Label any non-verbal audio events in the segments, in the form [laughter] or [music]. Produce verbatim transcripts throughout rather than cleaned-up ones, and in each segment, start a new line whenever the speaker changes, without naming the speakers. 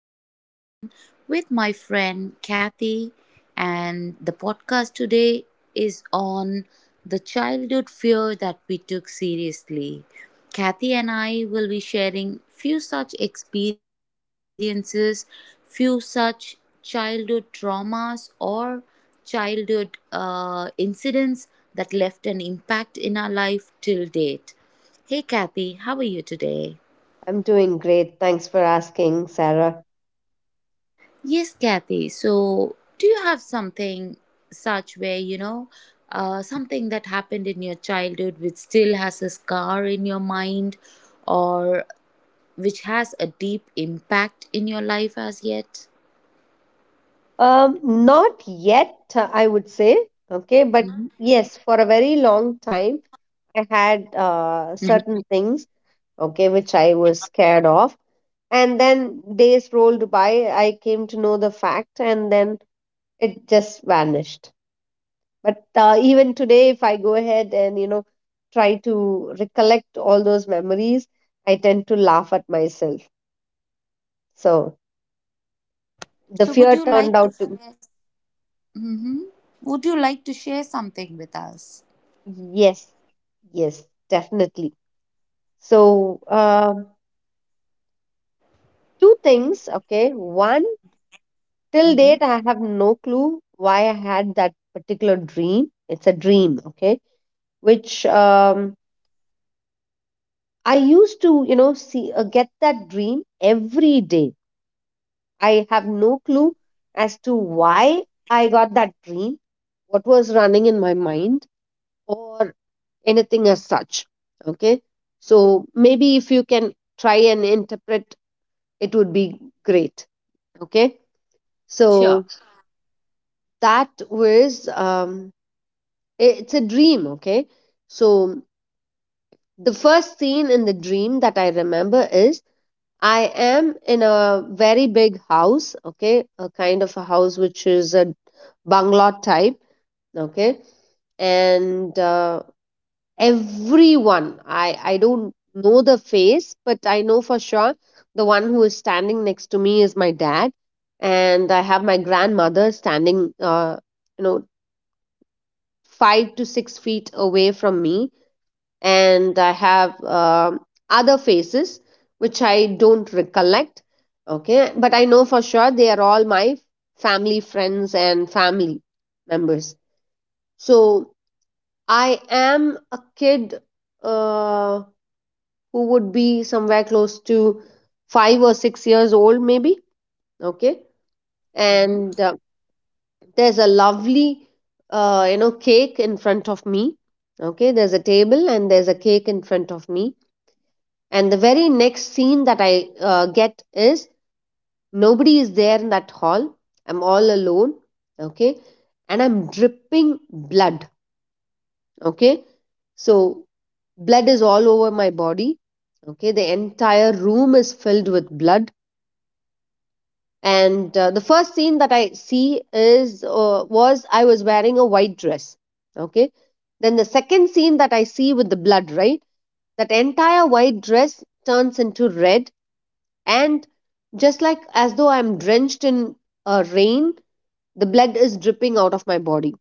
me again, with my friend Kathy. And the podcast today is on the childhood fear that we took seriously. Kathy and I will be sharing few such experiences, few such childhood traumas, or childhood uh, incidents that left an impact in our life till date. Hey, Kathy, how are you today?
I'm doing great. Thanks for asking, Sarah.
Yes, Kathy. So, do you have something such where, you know, uh, something that happened in your childhood which still has a scar in your mind, or which has a deep impact in your life as yet?
Um, not yet, uh, I would say. Okay, but
Mm-hmm.
yes, for a very long time, I had
Mm-hmm.
uh, certain things, okay, which I was scared of. And then days rolled by, I came to know the fact, and then it just vanished. But uh, even today, if I go ahead and, you know, try to recollect all those memories, I tend to laugh at myself. So the
So,
fear
would you
turned
like
out
to
to,
share? Mm-hmm. Would you like to share something with us?
yes. Yes, definitely. So, um, two things. Okay. One, till
Mm-hmm.
date, I have no clue why I had that particular dream. It's a dream. Okay. Which um, I used to, you know, see, uh, get that dream every day. I have no clue as to why I got that dream, what was running in my mind, or anything as such. Okay. So, maybe if you can try and interpret, it would be great. Okay, so
Sure.
that was um i- it's a dream. Okay, so the first scene in the dream that I remember is I am in a very big house, okay, a kind of a house which is a bungalow type. Okay, and uh, everyone, i i don't know the face, but I know for sure the one who is standing next to me is my dad. And I have my grandmother standing uh, you know, five to six feet away from me, and I have um other faces which I don't recollect. Okay, but I know for sure they are all my family friends and family members. So I am a kid uh, who would be somewhere close to five or six years old, maybe. Okay,
Mm-hmm.
and uh, there's a lovely, uh, you know, cake in front of me. Okay, there's a table and there's a cake in front of me. And the very next scene that I uh, get is nobody is there in that hall. I'm all alone. Okay, and I'm dripping blood. Okay, so blood is all over my body. Okay, the entire room is filled with blood. And uh, the first scene that I see is uh, was I was wearing a white dress. Okay, then the second scene that I see with the blood, right, that entire white dress turns into red. And just like as though I'm drenched in uh, rain, the blood is dripping out of my body.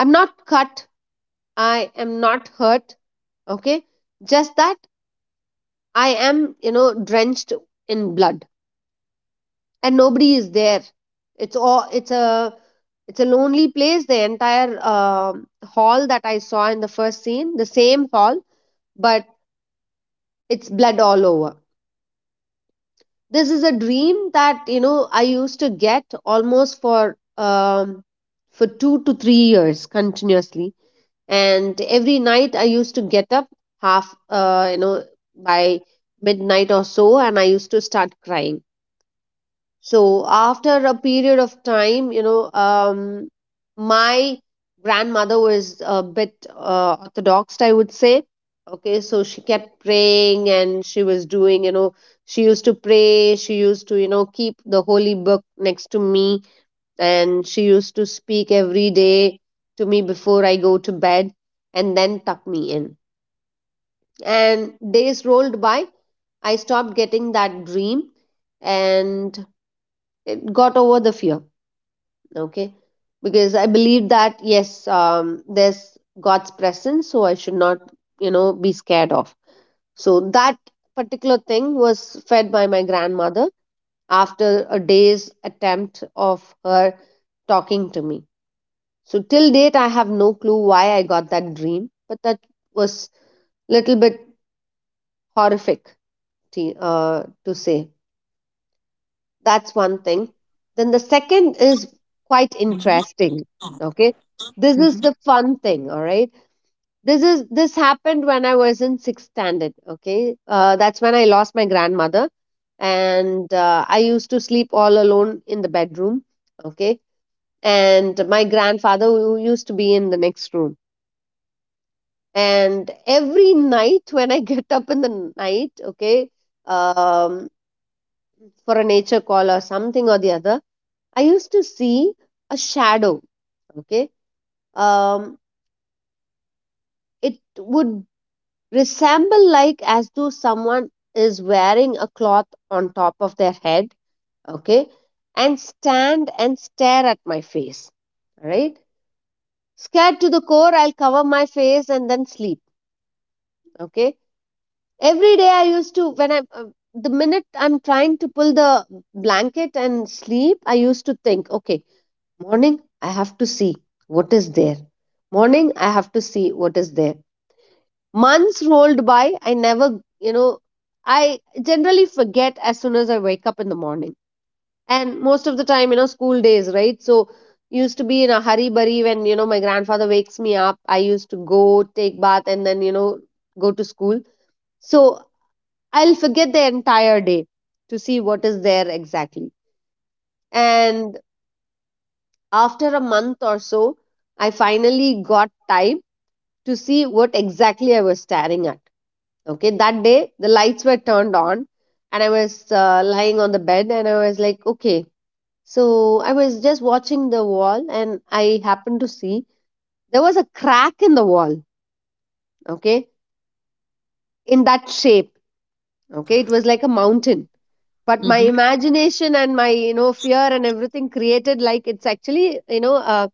I'm not cut, I am not hurt, okay, just that I am, you know, drenched in blood. And nobody is there. It's all, it's a it's a lonely place. The entire um hall that I saw in the first scene, the same hall, but it's blood all over. This is a dream that, you know, I used to get almost for um for two to three years continuously. And every night I used to get up half, uh, you know, by midnight or so, and I used to start crying. So after a period of time, you know, um, my grandmother was a bit uh, orthodox, I would say. Okay, so she kept praying and she was doing, you know, she used to pray, she used to, you know, keep the holy book next to me, and she used to speak every day to me before I go to bed and then tuck me in. And days rolled by, I stopped getting that dream, and it got over the fear. Okay, because I believe that yes, um, there's god's presence, so I should not, you know, be scared of. So that particular thing was fed by my grandmother after a day's attempt of her talking to me. So till date, I have no clue why I got that dream, but that was little bit horrific to, uh, to say. That's one thing. Then the second is quite interesting. Okay. This is
Mm-hmm.
the fun thing, all right. This is this happened when I was in sixth standard. Okay, uh, that's when I lost my grandmother, and uh, I used to sleep all alone in the bedroom. Okay, and my grandfather who used to be in the next room. And every night [laughs] when I get up in the night, okay, um, for a nature call or something or the other, I used to see a shadow. Okay, um, it would resemble like as though someone is wearing a cloth on top of their head. Okay, and stand and stare at my face. All right, scared to the core, I'll cover my face and then sleep. Okay, every day I used to when I uh, the minute I'm trying to pull the blanket and sleep, I used to think, okay, morning, I have to see what is there. Morning, I have to see what is there. Months rolled by, I never, you know, I generally forget as soon as I wake up in the morning. And most of the time, you know, school days, right? So, used to be in a hurry burry when, you know, my grandfather wakes me up. I used to go take bath and then, you know, go to school. So, I'll forget the entire day to see what is there exactly. And after a month or so, I finally got time to see what exactly I was staring at. Okay, that day the lights were turned on and I was uh, lying on the bed and I was like, okay. So I was just watching the wall and I happened to see there was a crack in the wall, okay, in that shape. Okay, it was like a mountain. But my
Mm-hmm.
imagination and my, you know, fear and everything created like it's actually, you know, a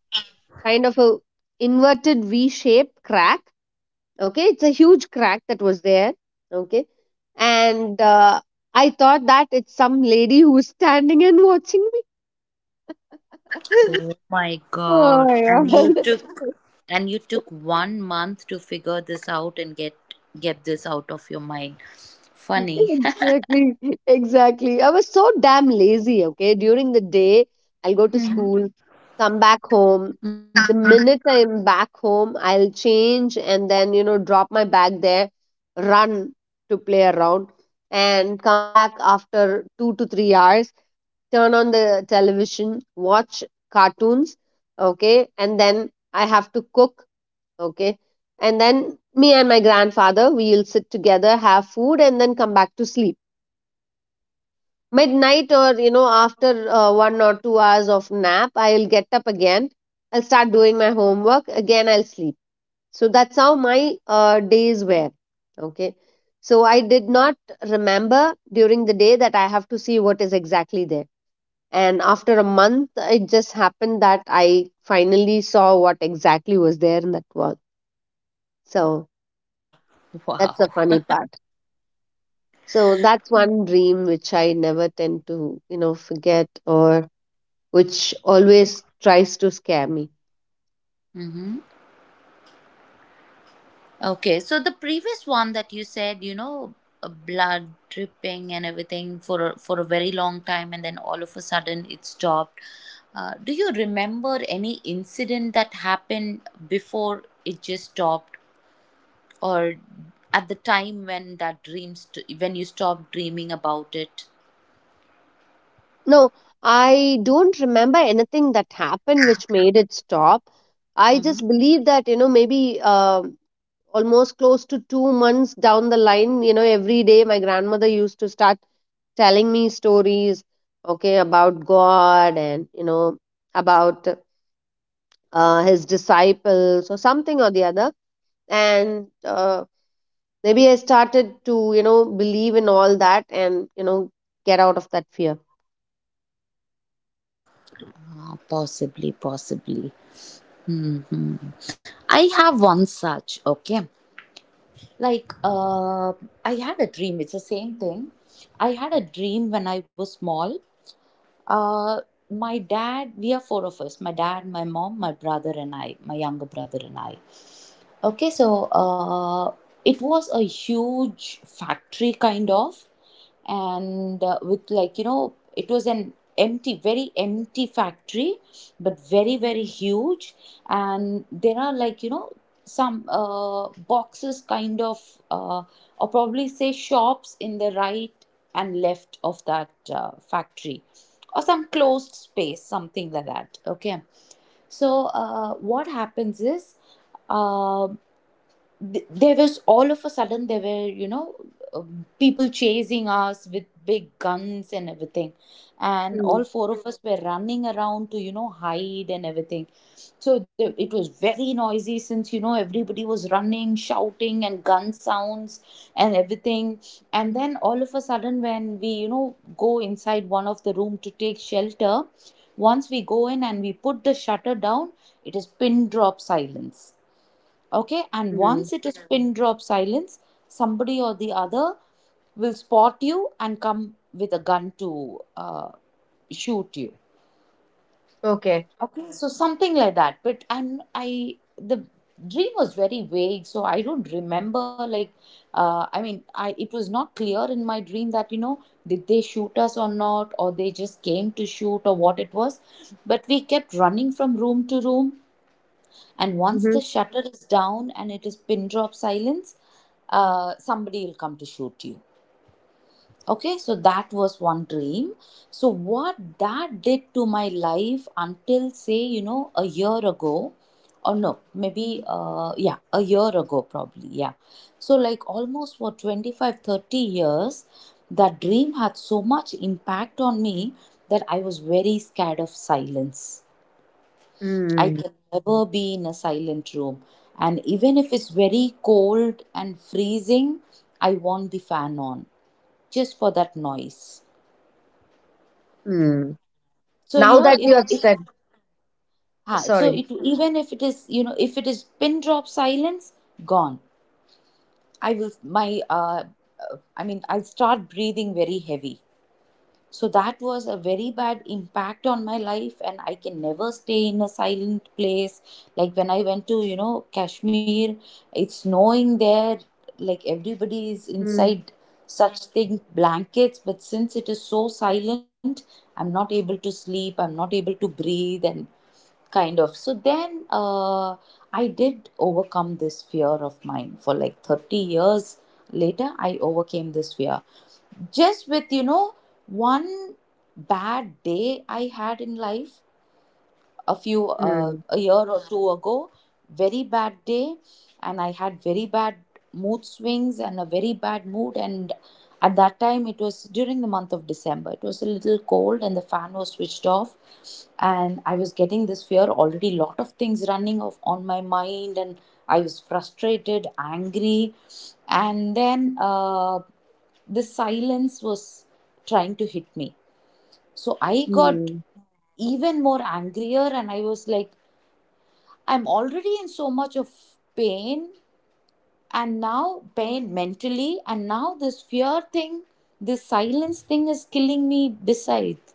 kind of a inverted V shape crack. Okay, it's a huge crack that was there. Okay, and uh, I thought that it's some lady who's standing and watching me. [laughs]
Oh my
Oh
God.
my
And you
god. [laughs]
took and you took one month to figure this out and get get this out of your mind. Funny.
Exactly, exactly. I was so damn lazy, okay? During the day, I'll go to
Mhm.
school, come back home.
Mhm.
The minute I'm back home, I'll change and then, you know, drop my bag there, run to play around, and come back after two to three hours, turn on the television, watch cartoons, okay, and then I have to cook, okay, and then me and my grandfather we'll sit together, have food, and then come back to sleep. Midnight or you know after uh, one or two hours of nap, I'll get up again. I'll start doing my homework again. I'll sleep. So that's how my uh, days were. Okay. So I did not remember during the day that I have to see what is exactly there. And after a month, it just happened that I finally saw what exactly was there in that wall. So
[laughs]
that's
Wow.
the funny part. So that's one dream which I never tend to, you know, forget or which always tries to scare me.
Hmm. Okay, so the previous one that you said, you know, uh, blood dripping and everything for a- for a very long time, and then all of a sudden it stopped. Uh, do you remember any incident that happened before it just stopped, or at the time when that dream st- when you stopped dreaming about it?
No, I don't remember anything that happened which made it stop. I
Mm-hmm.
just believe that, you know, maybe um almost close to two months down the line, you know, every day my grandmother used to start telling me stories okay about god and you know about uh, his disciples or something or the other. And uh, maybe I started to, you know, believe in all that and you know get out of that fear.
Possibly, possibly. Hmm. I have one such. Okay, like uh, I had a dream, it's the same thing. I had a dream when I was small. uh, my dad, we are four of us, my dad, my mom, my brother and I, my younger brother and I. Okay, so uh, it was a huge factory kind of, and uh, with, like, you know, it was an empty, very empty factory, but very very huge, and there are, like, you know, some uh, boxes kind of, uh, or probably say shops in the right and left of that uh, factory, or some closed space, something like that. Okay. So, uh, what happens is um th- there was all of a sudden there were, you know, um, people chasing us with big guns and everything, and
Mm,
all four of us were running around to, you know, hide and everything. So the, it was very noisy since, you know, everybody was running, shouting, and gun sounds and everything. And then all of a sudden when we, you know, go inside one of the room to take shelter, once we go in and we put the shutter down, it is pin drop silence. Okay, and
mm.
once it is pin drop silence, somebody or the other will spot you and come with a gun to uh, shoot you.
Okay.
Okay, so something like that. But and I, the dream was very vague, so I don't remember, like, uh, I mean, I, it was not clear in my dream that, you know, did they shoot us or not, or they just came to shoot, or what it was. But we kept running from room to room, and once
Mm-hmm.
the shutter is down and it is pin drop silence, uh, somebody will come to shoot you. Okay, so that was one dream. So what that did to my life until, say, you know, a year ago, or no, maybe, uh, yeah, a year ago, probably, yeah. So, like almost for twenty-five, thirty years, that dream had so much impact on me that I was very scared of silence. I
Mm,
can never be in a silent room. And even if it's very cold and freezing, I want the fan on just for that noise.
mm.
So, you
Now
know,
that you
if,
have
if,
said,
ah, so
sorry.
it, even if it is, you know, if it is pin drop silence, gone. I will, my, uh, uh, I mean, I'll start breathing very heavy. So that was a very bad impact on my life, and I can never stay in a silent place. Like when I went to, you know, Kashmir, it's snowing there, like everybody is
Mm,
inside such thing blankets, but since it is so silent, I'm not able to sleep, I'm not able to breathe, and kind of. So then uh, I did overcome this fear of mine. For like thirty years later, I overcame this fear just with, you know, one bad day I had in life a few uh,
mm,
a year or two ago. Very bad day. And I had very bad mood swings and a very bad mood. And at that time, it was during the month of December, it was a little cold and the fan was switched off, and I was getting this fear already, lot of things running off on my mind, and I was frustrated, angry, and then uh, the silence was trying to hit me. So I got
mm,
even more angrier, and I was like, I'm already in so much of pain, and now pain mentally, and now this fear thing, this silence thing is killing me. Besides,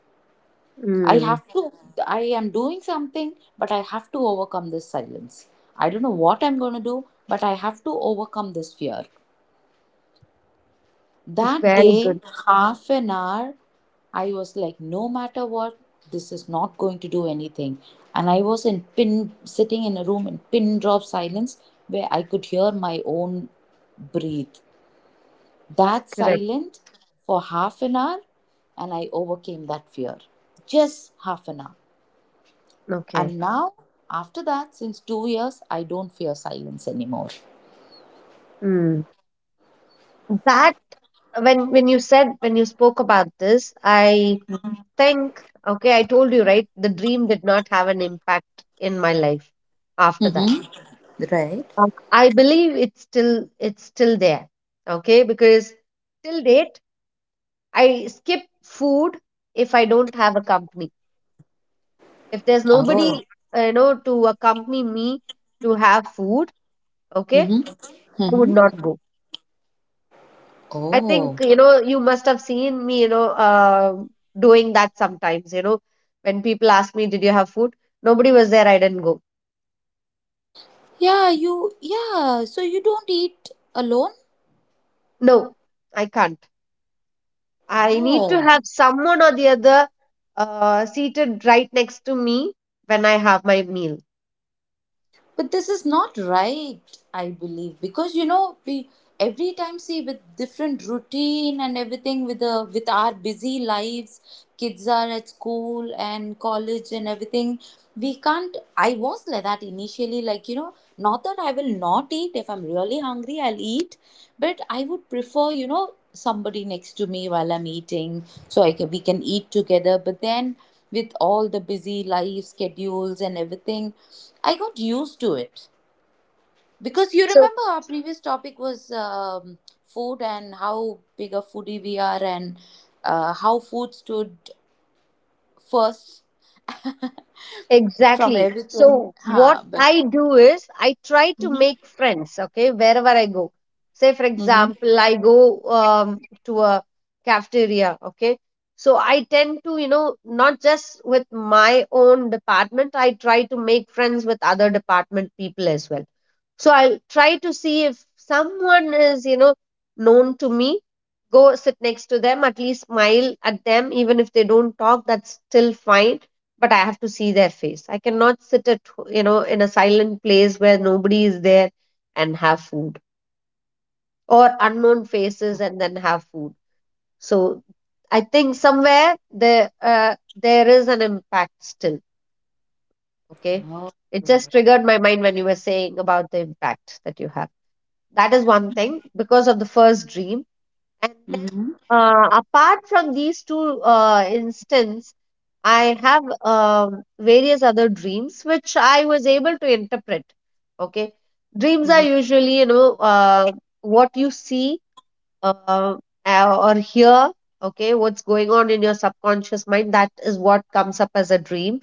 I
mm.
have to I am doing something, but I have to overcome this silence. I don't know what I'm gonna do, but I have to overcome this fear. That
Very
day,
good.
half an hour, I was like, no matter what, this is not going to do anything. And I was in pin, sitting in a room in pin drop silence where I could hear my own breathe. That
Correct.
silent for half an hour, and I overcame that fear. Just half an hour.
Okay.
And now, after that, since two years, I don't fear silence anymore.
Mm. That when when you said, when you spoke about this, I think, okay, I told you right, the dream did not have an impact in my life after that.
Mm-hmm. Right?
Um, I believe it's still, it's still there. Okay, because till date, I skip food if I don't have a company, if there's nobody
Oh.
uh, you know to accompany me to have food, okay,
Mm-hmm.
I would not go. I
Oh.
think, you know, you must have seen me, you know, uh, doing that sometimes, you know, when people ask me, did you have food? Nobody was there. I didn't go.
Yeah, you, yeah, so you don't eat alone?
No, I can't. I need to
Oh.
have someone or the other uh, seated right next to me when I have my meal.
But this is not right, I believe, because, you know, we every time see with different routine and everything, with the with our busy lives, kids are at school and college and everything. We can't. I was like that initially, like, you know, not that I will not eat. If I'm really hungry, I'll eat, but I would prefer, you know, somebody next to me while I'm eating, so I can we can eat together. But then with all the busy life schedules and everything, I got used to it. Because you
So,
remember our previous topic was um, food and how big a foodie we are, and uh, how food stood first from
exactly.
everything.
So what
Ha, but
I do is I try to
Mhm,
make friends, okay, wherever I go. Say for
mhm.
example, I go um, to a cafeteria, okay. So I tend to, you know, not just with my own department, I try to make friends with other department people as well. So I'll try to see if someone is, you know, known to me. Go sit next to them, at least smile at them, even if they don't talk, that's still fine. But I have to see their face. I cannot sit at, ho- you know, in a silent place where nobody is there and have food or unknown faces and then have food. So I think somewhere there, uh, there is an impact still. Okay.
Oh,
It just triggered my mind when you were saying about the impact that you have. That is one thing because of the first dream. And then,
mhm,
uh, apart from these two uh, instances, I have um, various other dreams which I was able to interpret. Okay. Dreams are
mhm.
usually, you know, uh, what you see, uh, uh, or hear, okay, what's going on in your subconscious mind, that is what comes up as a dream.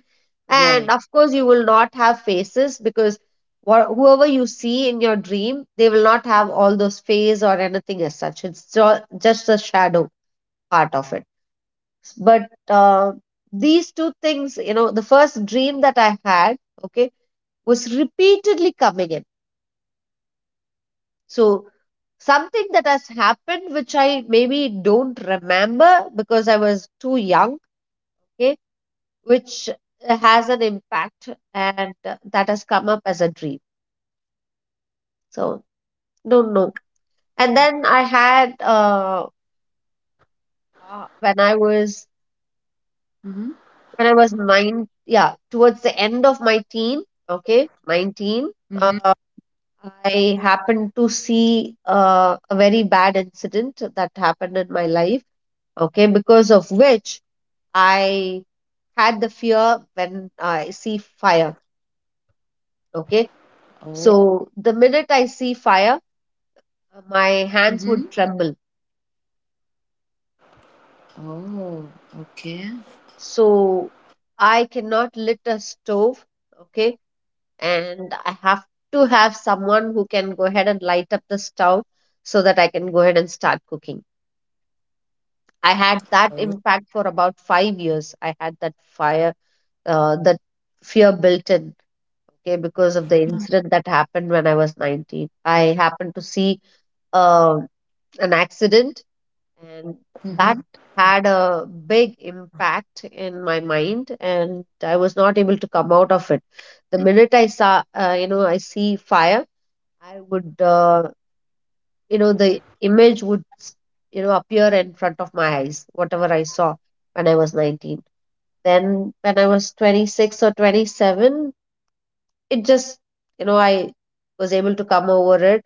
And
Right.
of course you will not have faces, because wha- whoever you see in your dream, they will not have all those face or anything as such. It's ju- just a shadow, part of it. But uh, these two things, you know, the first dream that I had, okay, was repeatedly coming in. So something that has happened which I maybe don't remember because I was too young, okay, which has an impact, and uh, that has come up as a dream. So don't know. And then I had uh, uh, when I was
Mhm,
when I was nine, yeah, towards the end of my teen, okay, nineteen.
mhm.
Uh, I happened to see uh, a very bad incident that happened in my life, okay, because of which I had the fear when I see fire. Okay.
Oh,
So the minute I see fire, my
mhm.
hands would tremble.
Oh, okay.
So I cannot lit a stove. Okay. And I have to have someone who can go ahead and light up the stove so that I can go ahead and start cooking. I had that
Oh.
impact for about five years. I had that fire, uh, that fear built in. Okay, because of the incident that happened when I was nineteen. I happened to see uh, an accident, and
Mm-hmm.
that had a big impact in my mind, and I was not able to come out of it. The minute I saw, uh, you know, I see fire, I would, uh, you know, the image would, s- you know, appear in front of my eyes, whatever I saw when I was nineteen. Then, when I was twenty-six or twenty-seven, it just, you know, I was able to come over it,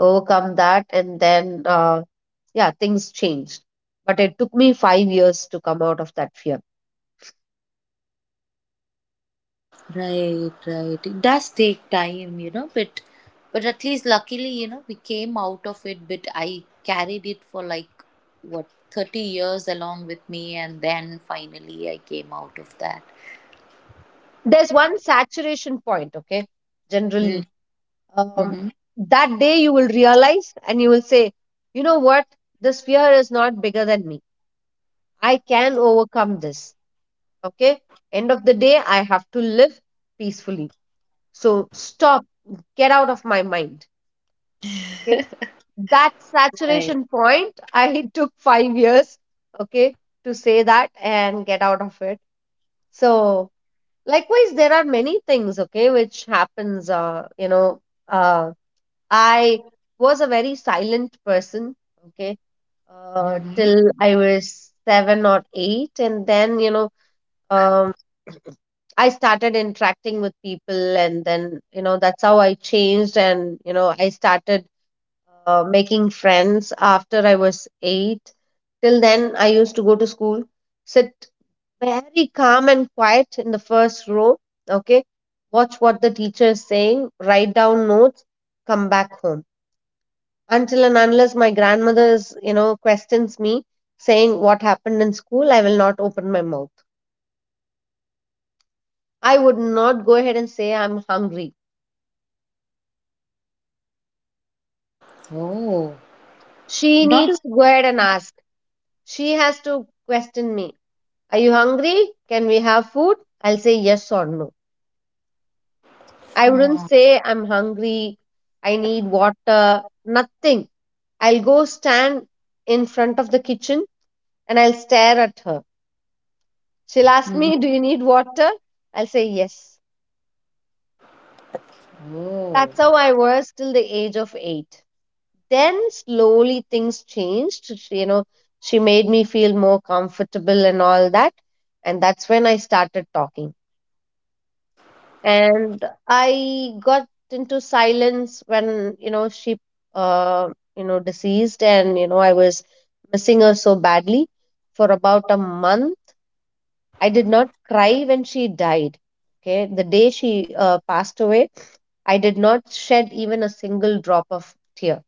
overcome that, and then, uh, yeah, things changed. But it took me five years to come out of that fear.
Right, right. It does take time, you know, but but at least luckily, you know, we came out of it. But I carried it for like what, thirty years along with me, and then finally I came out of that.
There's one saturation point, okay? Generally, um,
Mm-hmm.
that day you will realize and you will say, you know what? This fear is not bigger than me. I can overcome this, okay? End of the day, I have to live peacefully. So stop, get out of my mind, okay? That
Right.
saturation point, [laughs] I took five years, okay, to say that and get out of it. So likewise there are many things, okay, which happens, uh, you know uh, I was a very silent person, okay, uh,
Mm-hmm.
till I was seven or eight, and then, you know, um, I started interacting with people, and then, you know, that's how I changed, and, you know, I started uh, making friends after I was eight. Till then, I used to go to school, sit very calm and quiet in the first row. Okay, watch what the teacher is saying, write down notes, come back home. Until and unless my grandmother is, you know, questions me saying what happened in school, I will not open my mouth. I would not go ahead and say I'm hungry.
Oh,
She
not a.
needs to go ahead and ask. She has to question me. Are you hungry? Can we have food? I'll say yes or no. I wouldn't
Oh.
say I'm hungry. I need water. Nothing. I'll go stand in front of the kitchen and I'll stare at her. She'll ask
Mm-hmm.
me, do you need water? I'll say yes.
Oh.
That's how I was till the age of eight. Then slowly things changed. She, you know, she made me feel more comfortable and all that. And that's when I started talking. And I got into silence when, you know, she, uh, you know, deceased, and, you know, I was missing her so badly. For about a month, I did not cry when she died. Okay, the day she uh, passed away, I did not shed even a single drop of tear.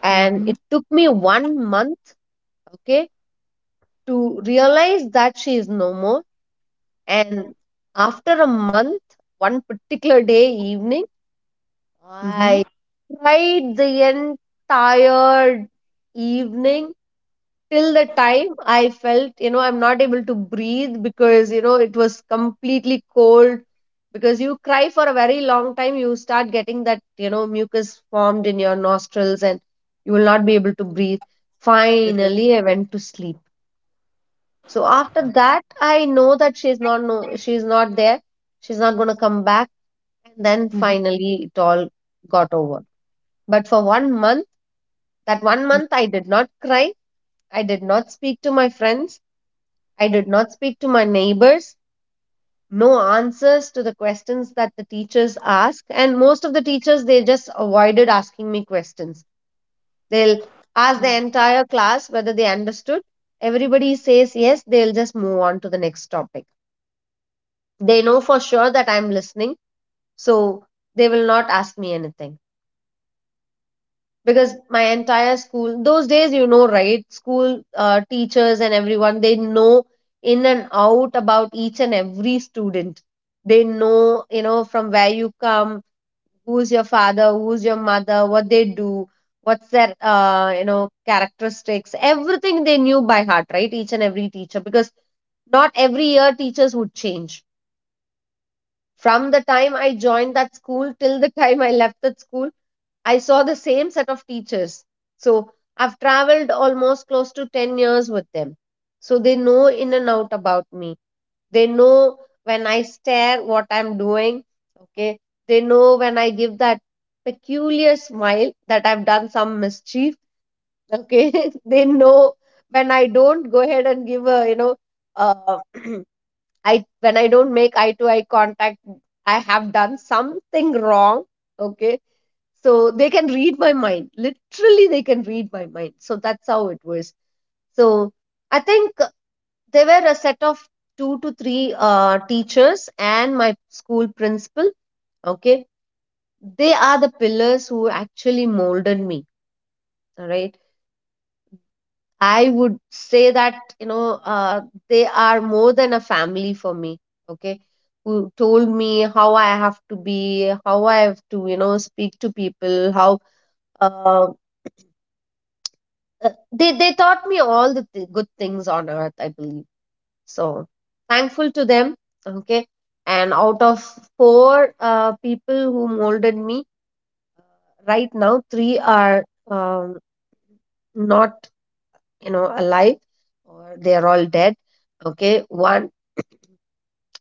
And it
Mm-hmm.
took me one month, okay, to realize that she is no more. And after a month, one particular day evening,
Mm-hmm.
I cried the entire evening till the time I felt, you know, I'm not able to breathe because, you know, it was completely cold. Because you cry for a very long time, you start getting that, you know, mucus formed in your nostrils, and you will not be able to breathe. Finally, I went to sleep. So after that, I know that she's not, no, she's not there. She's not going to come back. And then
Mm-hmm.
finally, it all got over. But for one month, that one month, I did not cry. I did not speak to my friends. I did not speak to my neighbors. No answers to the questions that the teachers ask. And most of the teachers, they just avoided asking me questions. They'll ask the entire class whether they understood. Everybody says yes, they'll just move on to the next topic. They know for sure that I'm listening, so they will not ask me anything. Because my entire school those days, you know, right, school uh, teachers and everyone, they know in and out about each and every student. They know, you know, from where you come, who's your father, who's your mother, what they do, what's their, uh, you know characteristics. Everything they knew by heart, right, each and every teacher. Because not every year teachers would change. From the time I joined that school till the [laughs] time I left that school, I saw the same set of teachers. So I've traveled almost close to ten years with them. So they know in and out about me. They know when I stare what I'm doing. Okay. They know when I give that peculiar smile that I've done some mischief. Okay. [laughs] They know when I don't go ahead and give a, you know, uh, [clears throat] I when I don't make eye to eye contact, I have done something wrong. Okay, so they can read my mind, literally they can read my mind. So that's how it was. So I think there were a set of two to three uh, teachers and my school principal, okay, they are the pillars who actually molded me. All right, I would say that, you know, uh, they are more than a family for me, okay, who told me how I have to be, how I have to, you know, speak to people, how, uh, uh, they they taught me all the th- good things on earth, I believe. So thankful to them. Okay, and out of four uh, people who molded me, right now three are, um, not, you know, alive, or they are all dead. Okay, one,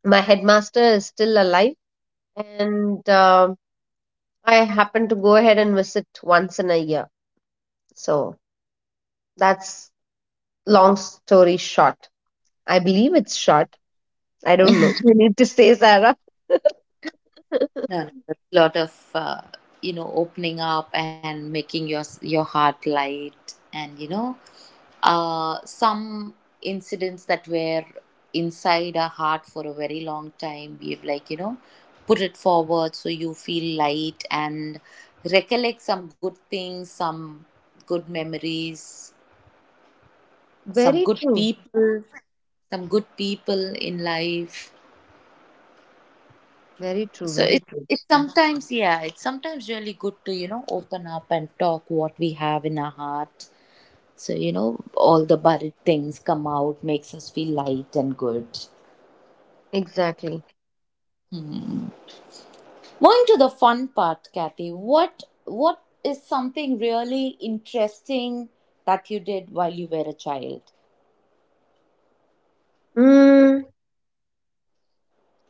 my headmaster, is still alive. And um I happen to go ahead and visit once in a year. So that's, long story short, I believe it's short. I don't know. [laughs] We need to say, Sarah.
No, no, that's a lot of uh, you know, opening up and making your s- your heart light, and you know, uh, some incidents that were inside our heart for a very long time we've, like, you know, put it forward so you feel light and recollect some good things, some good memories, some
Very
good
true.
people, some good people in life.
Very true.
So
Very
it,
true.
it's sometimes, yeah, it's sometimes really good to, you know, open up and talk what we have in our heart, so you know, all the buried things come out, makes us feel light and good.
Exactly.
Hmm. Moving to the fun part, Kathy, what what is something really interesting that you did while you were a child?
Mm,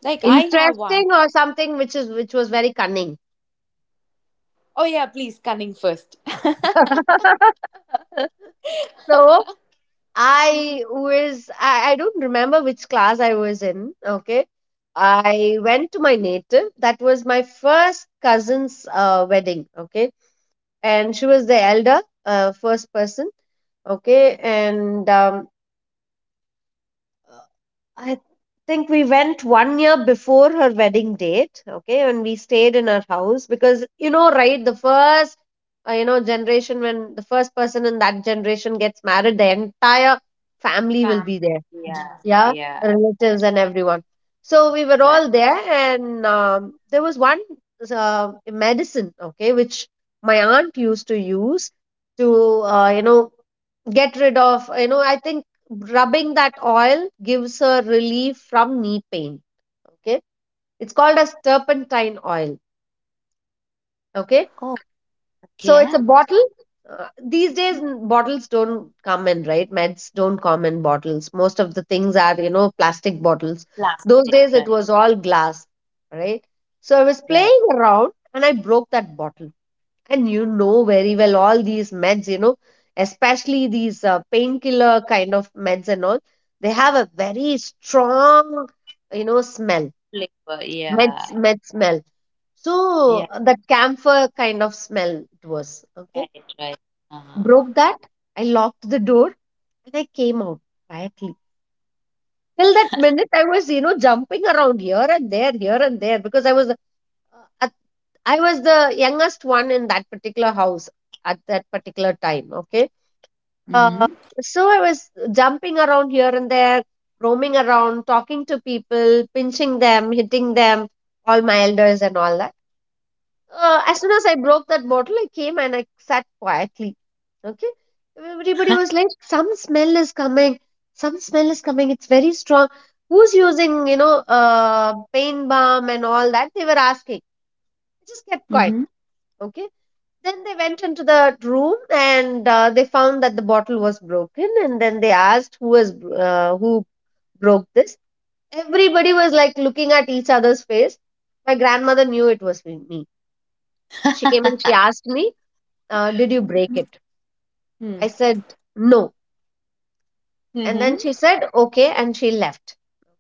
Like I have one.
interesting, or something which is which was very cunning.
Oh yeah, please, cunning first. [laughs]
[laughs] So I was I, I don't remember which class I was in. Okay. I went to my native. That was my first cousin's uh, wedding. Okay. And she was the elder, uh, first person. Okay. And um, I think we went one year before her wedding date, okay, and we stayed in her house because, you know, right, the first, uh, you know generation, when the first person in that generation gets married, the entire family will
Um,
be there,
yeah,
yeah, relatives and everyone. So we were
right.
all there, and um, there was one uh, medicine, okay, which my aunt used to use to, uh, you know get rid of, you know, I think rubbing that oil gives a relief from knee pain. Okay, it's called as turpentine oil. Okay,
Oh,
so it's a
okay.
bottle. uh, these days, n- bottles don't come in, right, meds don't come in bottles, most of the things are, you know, plastic bottles. Those
Plastic,
days it
right,
was all glass, right. So I was
right.
playing around and I broke that bottle. And you know very well all these meds, you know, especially these uh, painkiller kind of meds and all, they have a very strong, you know, smell,
Flavor,
med,
yeah,
med smell. So
yeah,
uh, that camphor kind of smell it was. Okay.
right, right. Uh-huh.
Broke that. I locked the door and I came out quietly. Till that minute, I was, you know, jumping around here and there, here and there, because I was, uh, at- I was the youngest one in that particular house at that particular time. Okay. Uh,
Mm-hmm.
so I was jumping around here and there, roaming around, talking to people, pinching them, hitting them, all my elders and all that. Uh, as soon as I broke that bottle, I came and I sat quietly. Okay. Everybody was like, some smell is coming. Some smell is coming. It's very strong. Who's using, you know, uh, pain balm and all that? They were asking. I just kept quiet.
Mm-hmm.
Okay. Then they went into the room and uh, they found that the bottle was broken. And then they asked who was uh, who broke this. Everybody was like looking at each other's face. My grandmother knew it was me. me. She came and she asked me, uh, "Did you break it?"
Hmm.
I said, "No." And then
Mm-hmm.
she said, "Okay," and she left.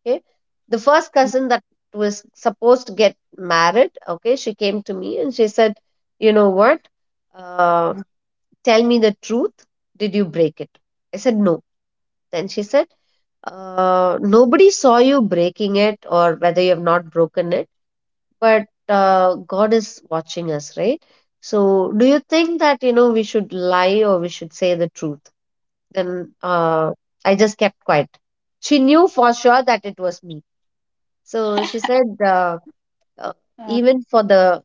Okay, the first cousin that was supposed to get married. Okay, she came to me and she said, "You know what? Uh, Tell me the truth. Did you break it?" I said, "No." Then she said, uh, "Nobody saw you breaking it or whether you have not broken it, but uh, God is watching us, right? So, do you think that, you know, we should lie or we should say the truth?" Then uh, I just kept quiet. She knew for sure that it was me. So she said, uh, uh,
Uh,
even for the,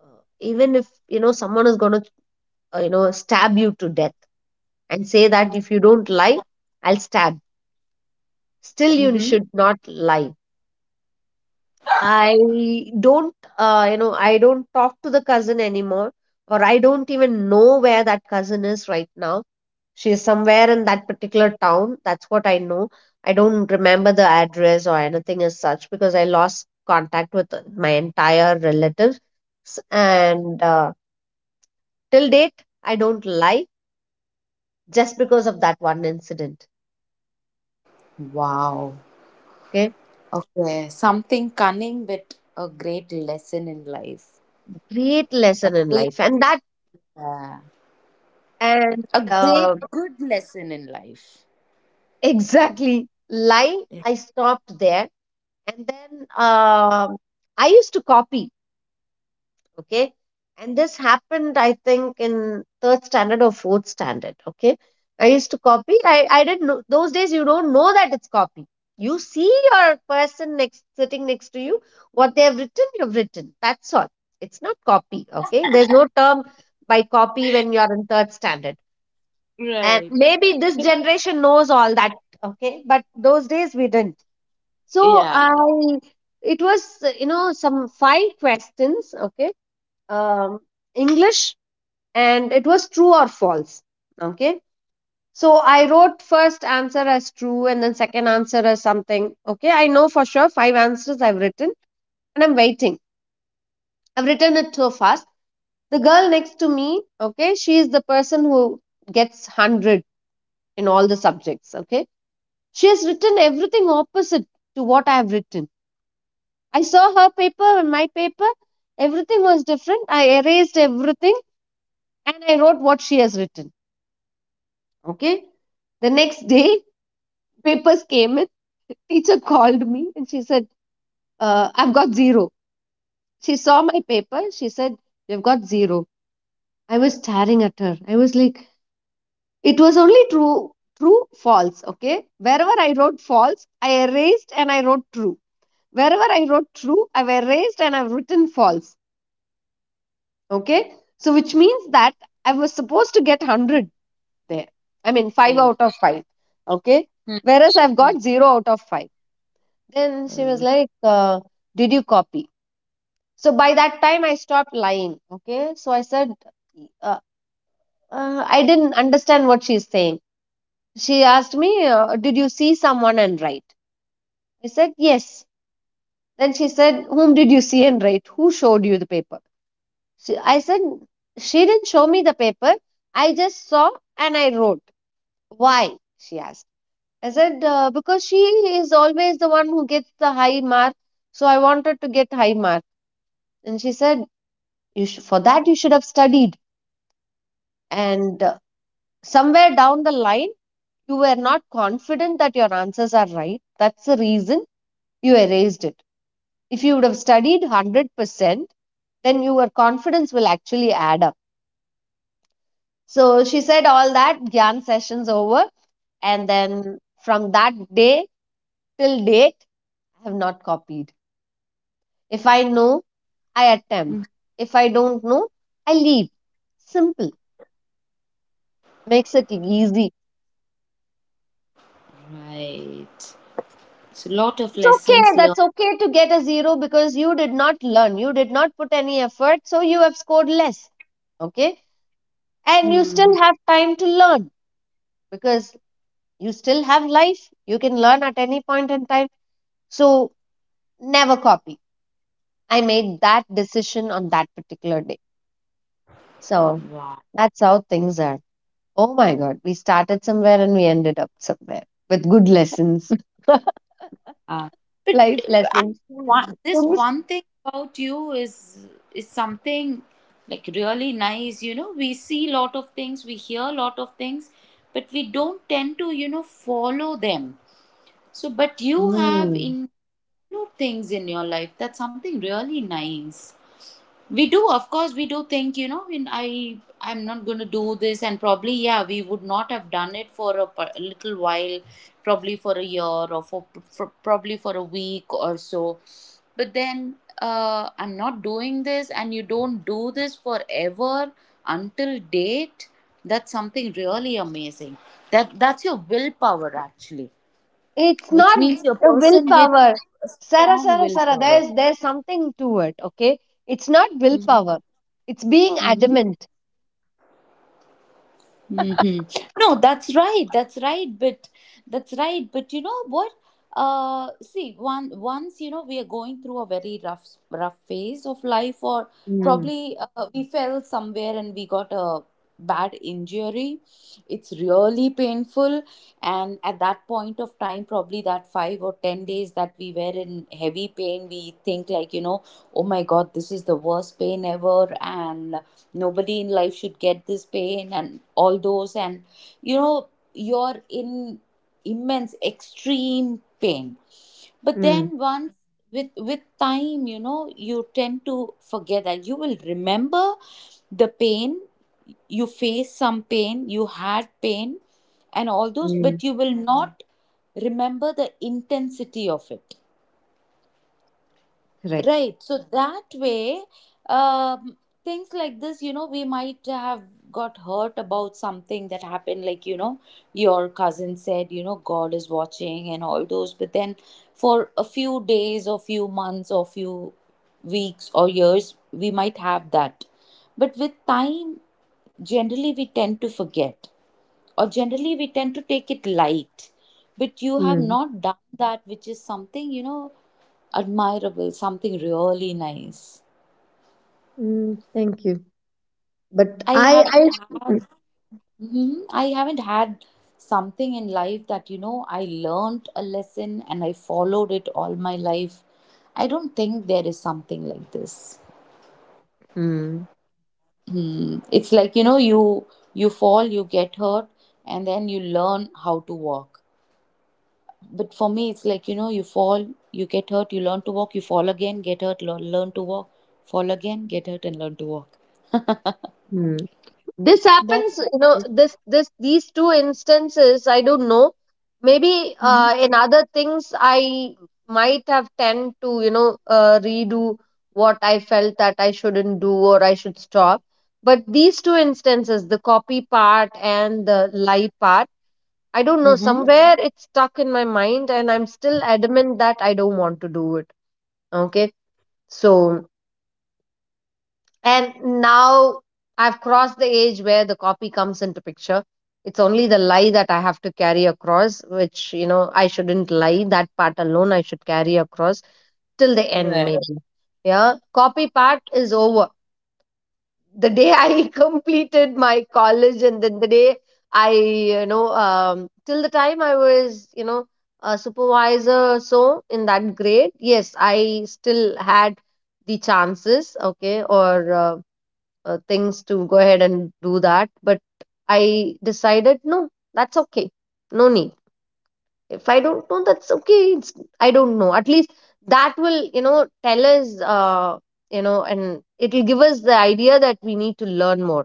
uh, even if, you know, someone is going to, uh, you know, stab you to death and say that if you don't lie, I'll stab. Still, you
Mm-hmm.
should not lie. I don't, uh, you know, I don't talk to the cousin anymore, or I don't even know where that cousin is right now. She is somewhere in that particular town. That's what I know. I don't remember the address or anything as such because I lost contact with my entire relatives. S- And uh, till date, I don't lie just because of that one incident.
Wow.
Okay,
Okay. Something cunning with a great lesson in life.
great
A
lesson in
great.
life, and that
Yeah.
and
A
uh,
great, good lesson in life.
exactly, lie, I stopped there. And then um I used to copy. Okay. And this happened I think in third standard or fourth standard. Okay, I used to copy. i, I didn't know, those days you don't know that it's copy. You see your person next, sitting next to you, what they have written, you've written, that's all. It's not copy. Okay, there's no term by copy when you're in third standard. And
Right.
maybe this generation knows all that. Okay, but those days we didn't. So I,
Yeah.
it was, you know, some five questions. Okay. um English. And it was true or false. Okay, so I wrote first answer as true and then second answer as something. Okay, I know for sure five answers I've written, and I'm waiting. I've written it so fast. The girl next to me, okay, she is the person who gets one hundred in all the subjects. Okay, she has written everything opposite to what I have written. I saw her paper and my paper. Everything was different. I erased everything and I wrote what she has written. Okay. The next day, [laughs] papers came in. [laughs] Teacher called me and she said, uh, I've got zero. She saw my paper. She said, "You've got zero." I was staring at her. I was like, it was only true, true, false. Okay, wherever I wrote false, I erased and I wrote true. Wherever I wrote true, I've erased and I've written false. Okay, so which means that I was supposed to get one hundred there. I mean, five
Right.
out of five. Okay.
Hmm,
Whereas I've
hmm.
got zero out of five. Then she was
Oh,
like, uh, "Did you copy?" So, by that time, I stopped lying. Okay, so I said, uh, uh, I didn't understand what she's saying. She asked me, uh, "Did you see someone and write?" I said, "Yes." Then she said, "Whom did you see and write? Who showed you the paper?" She, I said, she didn't show me the paper. I just saw and I wrote. "Why?" she asked. I said, uh, because she is always the one who gets the high mark. So I wanted to get high mark. And she said, you sh- for that, you should have studied. And uh, somewhere down the line, you were not confident that your answers are right. That's the reason you erased it. If you would have studied one hundred percent, then your confidence will actually add up. So she said all that, Gyan sessions over. And then from that day till date, I have not copied. If I know, I
hmm.
attempt. If I don't know, I leave. Simple, makes it easy.
Right. So lot of
It's
lessons
okay,
learned.
that's okay to get a zero because you did not learn, you did not put any effort, so you have scored less. Okay, and you
Hmm.
still have time to learn, because you still have life, you can learn at any point in time. So never copy. I made that decision on that particular day. So
Wow.
that's how things are. Oh my God, we started somewhere and we ended up somewhere with good lessons, [laughs]
Uh, but
life
uh, I
lessons.
want this
Things-
one thing about you is is something like really nice. You know, we see lot of things, we hear lot of things, but we don't tend to, you know, follow them. So, but you have
Hmm.
in new things in your life. That's something really nice. We do, of course, we do think, you know, in I I'm not going to do this, and probably yeah, we would not have done it for a pa- a little while, probably for a year or for, for probably for a week or so. But then uh, I'm not doing this, and you don't do this forever until date. That's something really amazing. That that's your willpower actually,
It's
which
not
means you're a
the
person with
willpower.
a
Sarah,
strong
Sarah, Sarah,
willpower.
there's, there's something to it, okay? It's not
Mm-hmm.
willpower, it's being
Mm-hmm.
adamant.
Hmm. No, that's right. That's right. But that's right. But you know what? Uh, see, one once you know we are going through a very rough rough phase of life, or
Mm,
probably uh, we fell somewhere and we got a bad injury. It's really painful, and at that point of time, probably that five or ten days that we were in heavy pain, we think, like, you know, oh my god, this is the worst pain ever, and nobody in life should get this pain and all those, and you know, you're in immense extreme pain. But
mm,
then once, with with time, you know, you tend to forget that. You will remember the pain, you faced some pain, you had pain and all those,
mm,
but you will Mhm. not remember the intensity of it.
correct.
Right. So that way, um, things like this, you know, we might have got hurt about something that happened, like, you know, your cousin said, you know, God is watching and all those. But then for a few days or few months or few weeks or years, we might have that. But with time, generally we tend to forget, or generally we tend to take it light. But you have
Mm,
not done that, which is something, you know, admirable, something really nice.
mm, thank you. But
I
I,
haven't had,
I,
Mhm. I haven't had something in life that you know I learned a lesson and I followed it all my life. I don't think there is something like this.
mm,
Hmm. It's like you know you you fall, you get hurt, and then you learn how to walk. But for me, it's like you know you fall, you get hurt, you learn to walk, you fall again, get hurt, learn, learn to walk, fall again, get hurt, and learn to walk.
mm. This happens,
That's.
you know, this this these two instances, I don't know, maybe
Mm-hmm.
uh, in other things I might have tend to, you know, uh, redo what I felt that I shouldn't do or I should stop. But these two instances, the copy part and the lie part, I don't know,
Mm-hmm.
somewhere it's stuck in my mind and I'm still adamant that I don't want to do it. Okay, so, and now I've crossed the age where the copy comes into picture. It's only the lie that I have to carry across, which, you know, I shouldn't lie. That part alone I should carry across till the end, maybe. Yeah, copy part is over. The day [laughs] I completed my college and then the day I, you know, um, till the time I was, you know, a supervisor, or so in that grade, yes, I still had the chances, okay, or uh, uh, things to go ahead and do that. But I decided, no, that's okay. No need. If I don't know, that's okay. It's, I don't know. At least that will, you know, tell us, uh, you know, and it'll give us the idea that we need to learn more.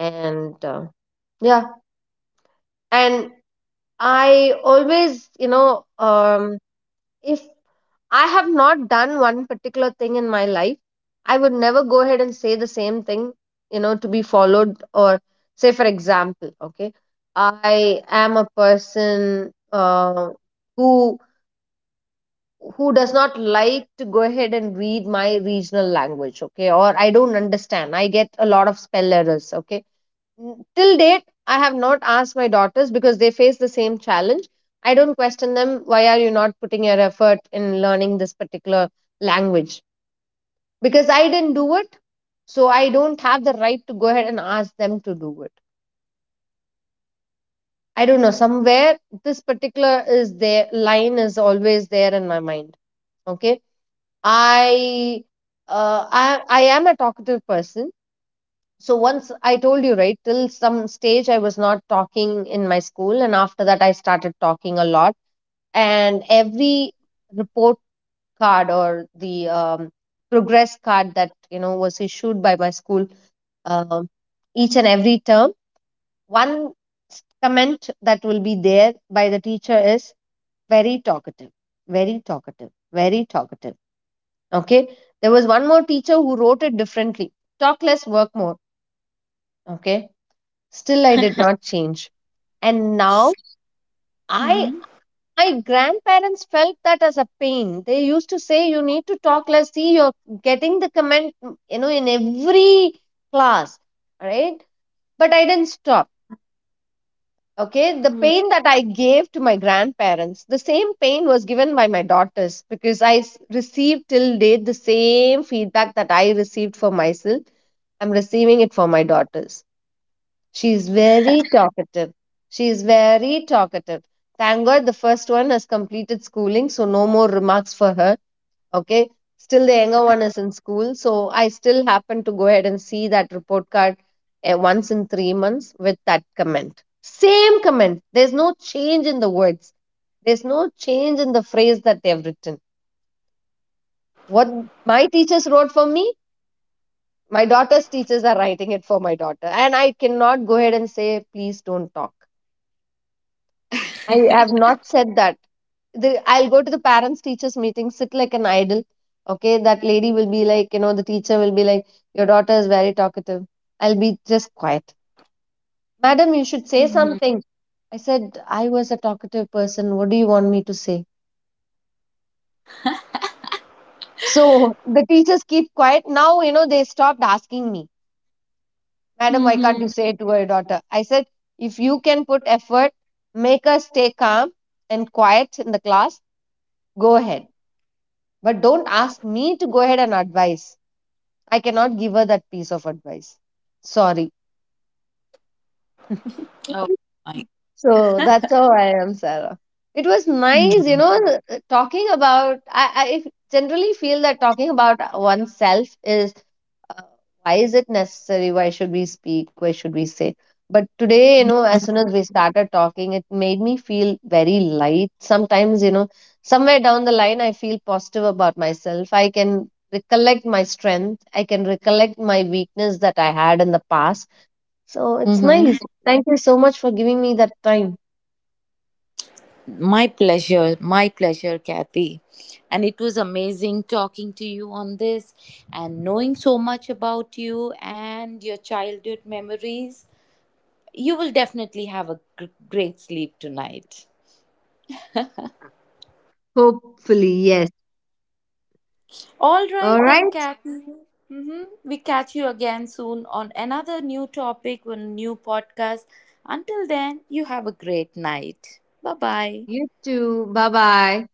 And uh, yeah, and I always, you know, um, if I have not done one particular thing in my life, I would never go ahead and say the same thing, you know, to be followed. Or say, for example, okay, I am a person uh, who who does not like to go ahead and read my regional language, okay, or I don't understand. I get a lot of spell errors, okay. N- till date, I have not asked my daughters because they face the same challenge. I don't question them, why are you not putting your effort in learning this particular language, because I didn't do it. So I don't have the right to go ahead and ask them to do it. I don't know, somewhere this particular is their line is always there in my mind. Okay, I uh, I, I am a talkative person. So once I told you, right, till some stage I was not talking in my school and after that I started talking a lot. And every report card or the um, progress card that, you know, was issued by my school, um, each and every term, one s- comment that will be there by the teacher is very talkative, very talkative, very talkative. Okay, there was one more teacher who wrote it differently: talk less, work more. Okay, still I did not change. And now I, my grandparents felt that as a pain, they used to say you need to talk less, see you're getting the comment, mm, you know, in every class, right? But I didn't stop. Okay, the pain that I gave to my grandparents, the same pain was given by my daughters, because I s- received till date the same feedback that I received for myself. I'm receiving it for my daughters. She is very talkative. She is very talkative. Thank God the first one has completed schooling, so no more remarks for her. Okay. Still, the younger one is in school, so I still happen to go ahead and see that report card, eh, once in three months with that comment. Same comment. There's no change in the words, there's no change in the phrase that they have written. What my teachers wrote for me, my daughter's teachers are writing it for my daughter. And I cannot go ahead and say, please don't talk. I have not said that. The, I'll go to the parents teachers meeting, sit like an idol. Okay, that lady will be like, you know, the teacher will be like, your daughter is very talkative. I'll be just quiet. "Madam, you should say
Mm-hmm.
something." I said, I was a talkative person. What do you want me to say? So the teachers keep quiet. Now, you know, they stopped asking me, "Madam, why can't you
Mm-hmm.
say it to your daughter?" I said, if you can put effort, make her stay calm and quiet in the class, go ahead. But don't ask me to go ahead and advise. I cannot give her that piece of advice. Sorry.
Oh my.
So that's how I am, Sarah. It was nice, you know, talking about. I, I if- generally feel that talking about oneself is, uh, why is it necessary, why should we speak, why should we say? But today, you know, as soon as we started talking, it made me feel very light. Sometimes, you know, somewhere down the line, I feel positive about myself. I can recollect my strength, I can recollect my weakness that I had in the past. So it's
Mm-hmm.
nice, thank you so much for giving me that time.
My pleasure. My pleasure, Kathy. And it was amazing talking to you on this and knowing so much about you and your childhood memories. You will definitely have a gr- great sleep tonight.
Hopefully, yes.
All
All
right, then,
right.
Kathy. Mm-hmm. We catch you again soon on another new topic, on a new podcast. Until then, you have a great night. Bye bye.
You too. Bye bye.